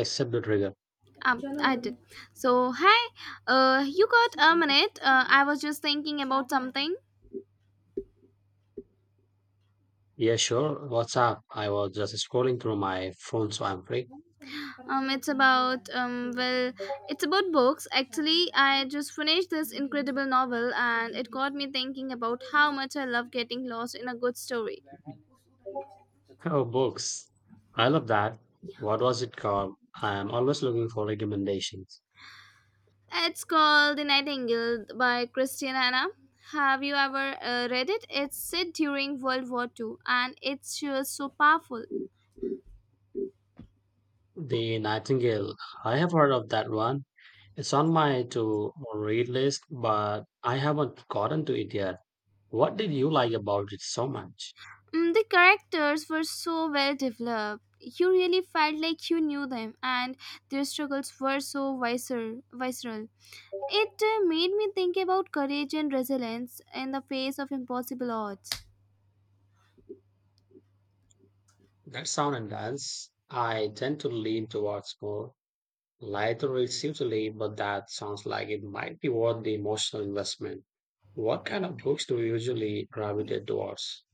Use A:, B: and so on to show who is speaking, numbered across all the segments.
A: Accept the trigger.
B: I did. So, hi. You got a minute? I was just thinking about something.
A: Yeah, sure. What's up? I was just scrolling through my phone, so I'm free.
B: Um, it's about um, well, it's about books. Actually, I just finished this incredible novel, and it got me thinking about how much I love getting lost in a good story.
A: Oh, books. I love that. What was it called? I am always looking for recommendations.
B: It's called The Nightingale by Christian Hanna. Have you ever read it? It's set during World War Two, and it's just so powerful.
A: The Nightingale. I have heard of that one. It's on my to read list, but I haven't gotten to it yet. What did you like about it so much?
B: Mm, the characters were so well developed. You really felt like you knew them, and their struggles were so visceral. It made me think about courage and resilience in the face of impossible odds.
A: That sound and dance. I tend to lean towards more Lighter is usually, but that sounds like it might be worth the emotional investment. What kind of books do you usually gravitate towards?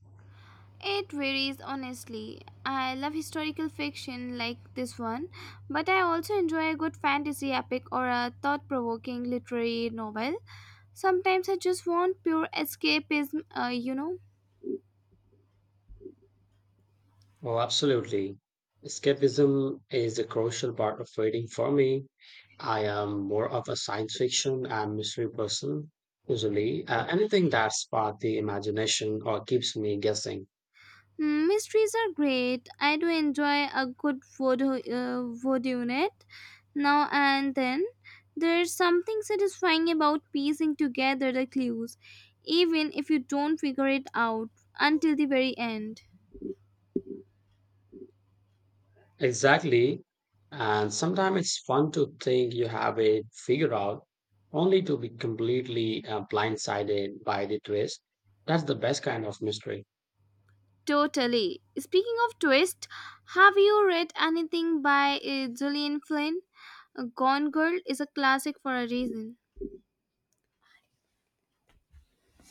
B: It varies honestly. I love historical fiction like this one, but I also enjoy a good fantasy epic or a thought provoking literary novel. Sometimes I just want pure escapism.
A: Oh, absolutely. Escapism is a crucial part of reading for me. I am more of a science fiction and mystery person, usually. Anything that sparks the imagination or keeps me guessing.
B: Mysteries are great. I do enjoy a good voodoo unit now and then. There's something satisfying about piecing together the clues, even if you don't figure it out until the very end.
A: Exactly. And sometimes it's fun to think you have it figured out, only to be completely blindsided by the twist. That's the best kind of mystery.
B: Totally. Speaking of twist, have you read anything by Gillian Flynn? Gone Girl is a classic for a reason.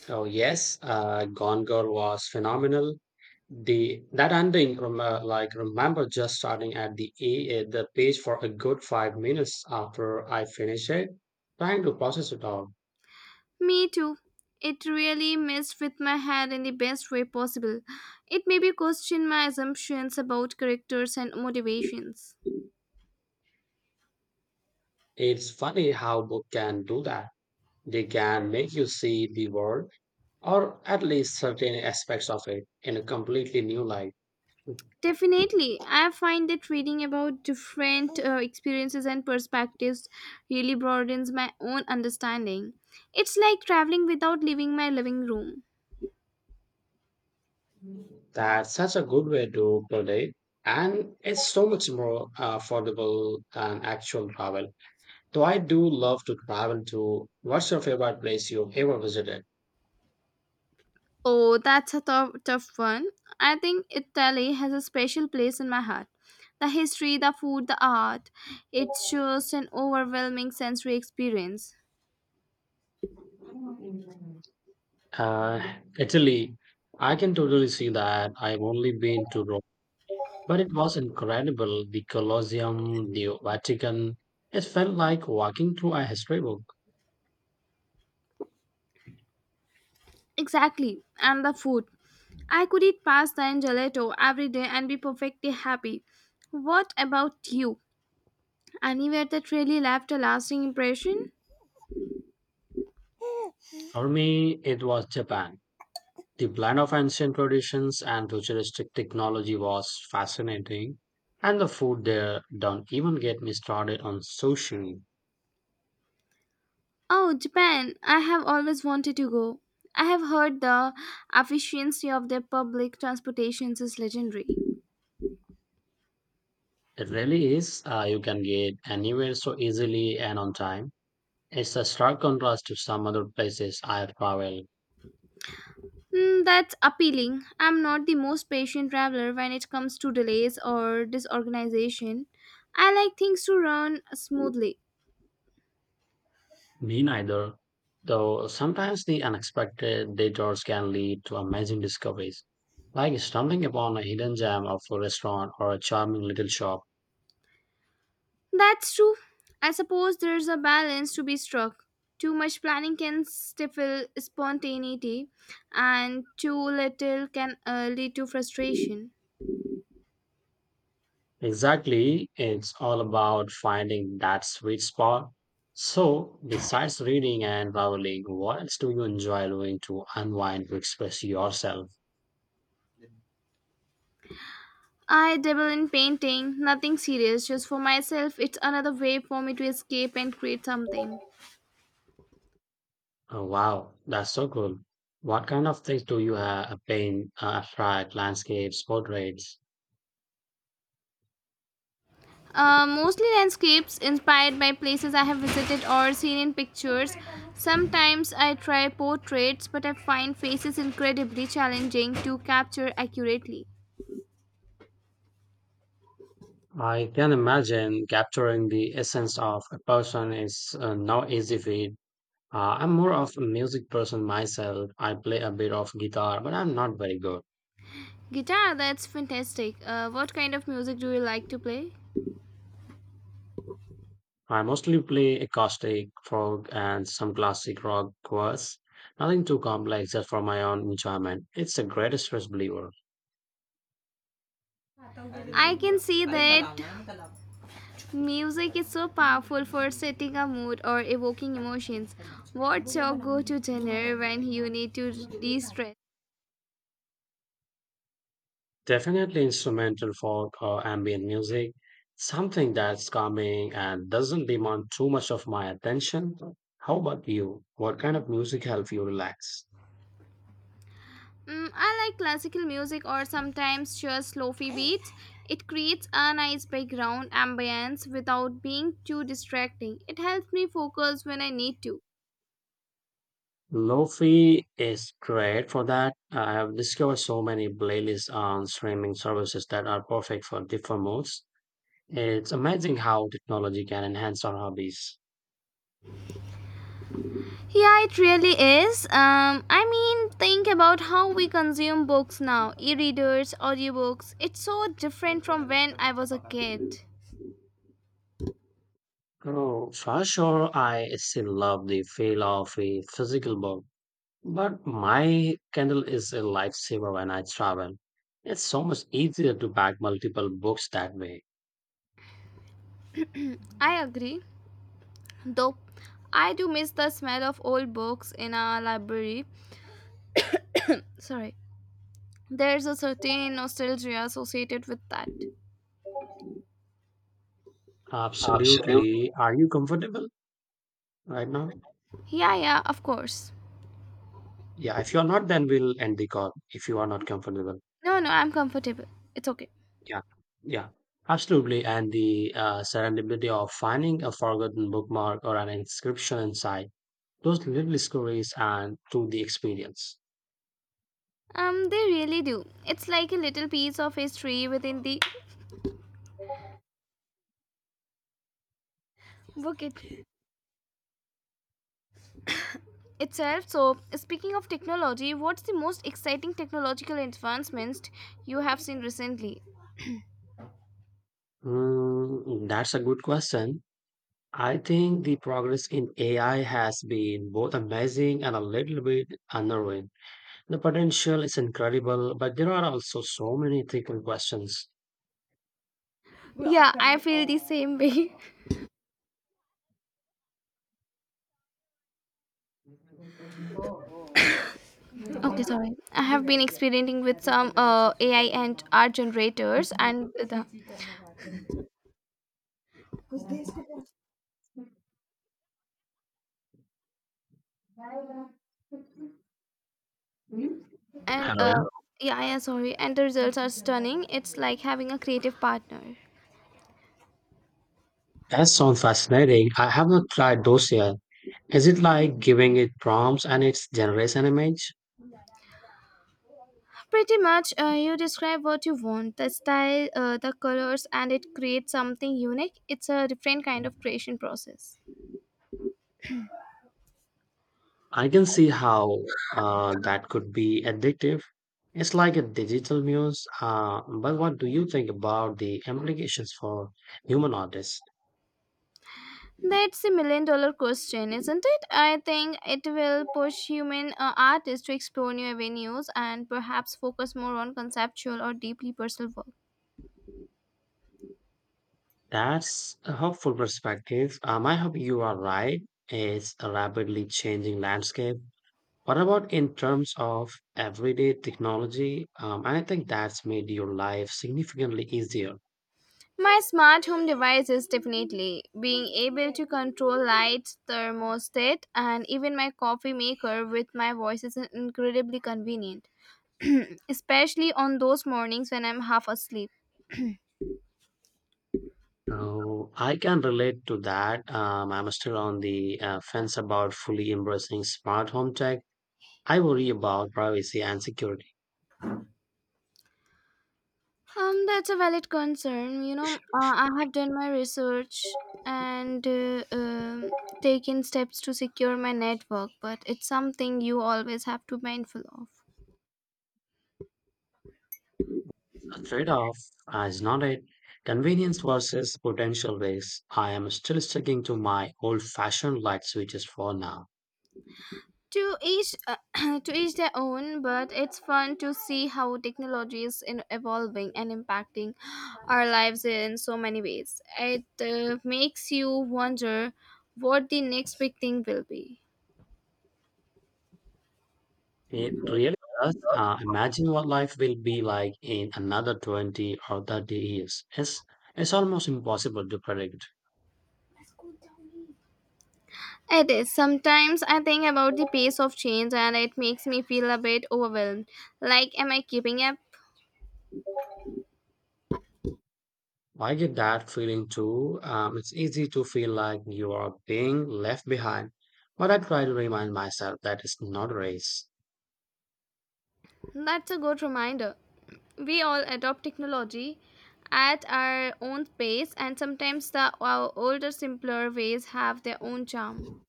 A: Oh, yes, Gone Girl was phenomenal. The that ending, like remember, just starting at the page for a good 5 minutes after I finished it, trying to process it all.
B: Me too. It really messed with my head in the best way possible. It made me question my assumptions about characters and motivations.
A: It's funny how book can do that. They can make you see the world or at least certain aspects of it in a completely new light.
B: Definitely, I find that reading about different experiences and perspectives really broadens my own understanding. It's like traveling without leaving my living room.
A: That's such a good way to put it. And it's so much more affordable than actual travel. Though I do love to travel to. What's your favorite place you ever visited?
B: Oh, that's a tough one. I think Italy has a special place in my heart. The history, the food, the art. It's just an overwhelming sensory experience.
A: Italy. I can totally see that. I've only been to Rome, but it was incredible. The Colosseum, the Vatican. It felt like walking through a history book.
B: Exactly. And the food. I could eat pasta and gelato every day and be perfectly happy. What about you? Anywhere that really left a lasting impression?
A: For me, it was Japan. The blend of ancient traditions and futuristic technology was fascinating, and the food there don't even get me started on sushi.
B: Oh, Japan. I have always wanted to go. I have heard the efficiency of their public transportations is legendary.
A: It really is, you can get anywhere so easily and on time. It's a stark contrast to some other places I've traveled.
B: Mm, that's appealing. I'm not the most patient traveler when it comes to delays or disorganization. I like things to run smoothly.
A: Me neither, though sometimes the unexpected detours can lead to amazing discoveries, like stumbling upon a hidden gem of a restaurant or a charming little shop.
B: That's true. I suppose there's a balance to be struck. Too much planning can stifle spontaneity, and too little can lead to frustration.
A: Exactly. It's all about finding that sweet spot. So, besides reading and traveling, what else do you enjoy doing to unwind, to express yourself?
B: I dabble in painting, nothing serious, just for myself. It's another way for me to escape and create something.
A: Oh, wow, that's so cool. What kind of things do you paint, abstract, landscapes, portraits?
B: Mostly landscapes inspired by places I have visited or seen in pictures. Sometimes I try portraits, but I find faces incredibly challenging to capture accurately.
A: I can imagine capturing the essence of a person is no easy feat. I'm more of a music person myself. I play a bit of guitar, but I'm not very good.
B: Guitar, that's fantastic. What kind of music do you like to play?
A: I mostly play acoustic, folk, and some classic rock covers. Nothing too complex, just for my own enjoyment. It's the greatest stress believer.
B: I can see that music is so powerful for setting a mood or evoking emotions. What's your go to genre when you need to de stress?
A: Definitely instrumental folk or ambient music, something that's calming and doesn't demand too much of my attention. How about you? What kind of music helps you relax?
B: Mm, I like classical music or sometimes just lofi beats. It creates a nice background ambience without being too distracting. It helps me focus when I need to.
A: Lo-fi is great for that. I have discovered so many playlists on streaming services that are perfect for different moods. It's amazing how technology can enhance our hobbies.
B: Yeah, it really is. I mean, think about how we consume books now e-readers, audiobooks. It's so different from when I was a kid.
A: Oh, for sure, I still love the feel of a physical book, but my Kindle is a lifesaver when I travel. It's so much easier to pack multiple books that way.
B: I agree, though I do miss the smell of old books in our library. Sorry, there's a certain nostalgia associated with that. Absolutely.
A: Absolutely. Are you comfortable right now?
B: Yeah, yeah, of course.
A: Yeah, if you're not, then we'll end the call if you are not comfortable.
B: No, no, I'm comfortable. It's okay.
A: Yeah, yeah, absolutely. And the serendipity of finding a forgotten bookmark or an inscription inside. Those little discoveries and through the experience.
B: They really do. It's like a little piece of history within the bucket itself. So, speaking of technology, what's the most exciting technological advancements you have seen recently?
A: Mm, that's a good question. I think the progress in AI has been both amazing and a little bit unnerving. The potential is incredible, but there are also so many ethical questions.
B: Yeah, I feel the same way. Okay, sorry. I have been experimenting with some AI and art generators, and the and
A: Hello.
B: yeah, yeah, sorry. And the results are stunning. It's like having a creative partner.
A: That sounds fascinating. I have not tried those yet. Is it like giving it prompts and it generates an image?
B: Pretty much, you describe what you want, the style, the colors, and it creates something unique. It's a different kind of creation process.
A: I can see how that could be addictive. It's like a digital muse. But what do you think about the implications for human artists?
B: That's a million dollar question, isn't it? I think it will push human artists to explore new avenues and perhaps focus more on conceptual or deeply personal work.
A: That's a hopeful perspective. I hope you are right. It's a rapidly changing landscape. What about in terms of everyday technology? I think that's made your life significantly easier.
B: My smart home devices definitely being able to control lights, thermostat, and even my coffee maker with my voice is incredibly convenient. Especially on those mornings when I'm half asleep.
A: Oh, I can relate to that. I'm still on the fence about fully embracing smart home tech. I worry about privacy and security.
B: That's a valid concern. You know, I have done my research and taken steps to secure my network, but it's something you always have to be mindful of.
A: A trade-off is not it. Convenience versus potential risks. I am still sticking to my old-fashioned light switches for now.
B: To each, to each their own. But it's fun to see how technology is in evolving and impacting our lives in so many ways. It makes you wonder what the next big thing will be.
A: It really does. Imagine what life will be like in another 20 or 30 years. It's almost impossible to predict.
B: It is. Sometimes I think about the pace of change and it makes me feel a bit overwhelmed. Like, am I keeping up?
A: I get that feeling too. It's easy to feel like you are being left behind, but I try to remind myself that it's not a race.
B: That's a good reminder. We all adopt technology at our own pace, and sometimes the our older, simpler ways have their own charm.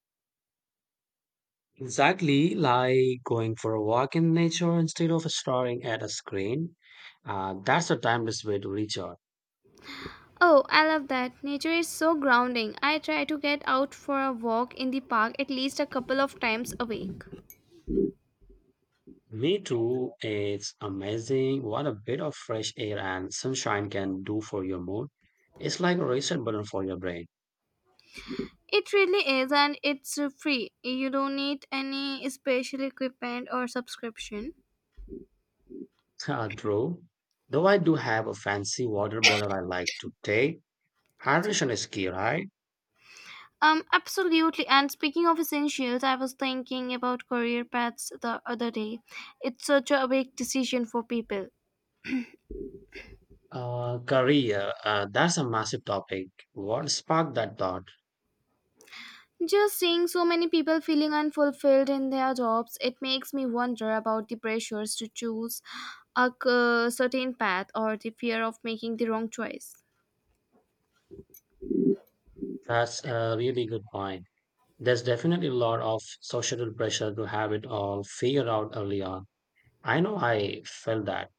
A: Exactly like going for a walk in nature instead of staring at a screen. That's a timeless way to recharge.
B: Oh, I love that. Nature is so grounding. I try to get out for a walk in the park at least a couple of times a week.
A: Me too. It's amazing what a bit of fresh air and sunshine can do for your mood. It's like a reset button for your brain.
B: It really is, and it's free. You don't need any special equipment or subscription.
A: True. Though I do have a fancy water bottle I like to take.
B: Sorry.
A: Hydration is key, right?
B: Absolutely. And speaking of essentials, I was thinking about career paths the other day. It's such a big decision for people.
A: Career. That's a massive topic. What sparked that thought?
B: Just seeing so many people feeling unfulfilled in their jobs, it makes me wonder about the pressures to choose certain path or the fear of making the wrong choice.
A: That's a really good point. There's definitely a lot of societal pressure to have it all figured out early on. I know I felt that.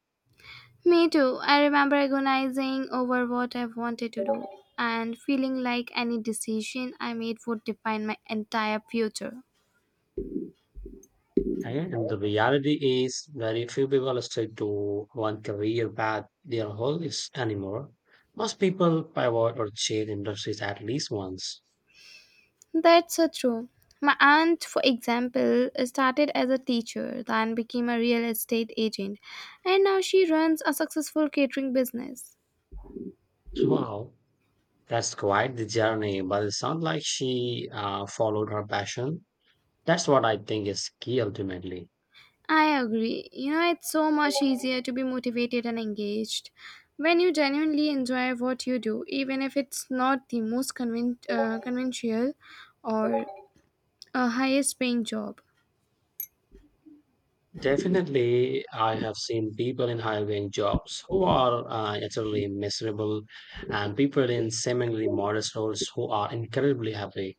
B: Me too. I remember agonizing over what I wanted to do and feeling like any decision I made would define my entire future.
A: And the reality is, very few people stick to one career path their whole lives anymore. Most people pivot or change industries at least once.
B: That's so true. My aunt, for example, started as a teacher, then became a real estate agent, and now she runs a successful catering business.
A: Wow, that's quite the journey, but it sounds like she followed her passion. That's what I think is key ultimately.
B: I agree. You know, it's so much easier to be motivated and engaged when you genuinely enjoy what you do, even if it's not the most conventional or a highest paying job.
A: Definitely, I have seen people in high paying jobs who are utterly miserable, and people in seemingly modest roles who are incredibly happy.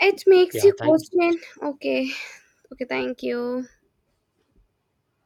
B: It makes
A: Yeah,
B: you
A: thank you
B: question, okay, okay, thank you.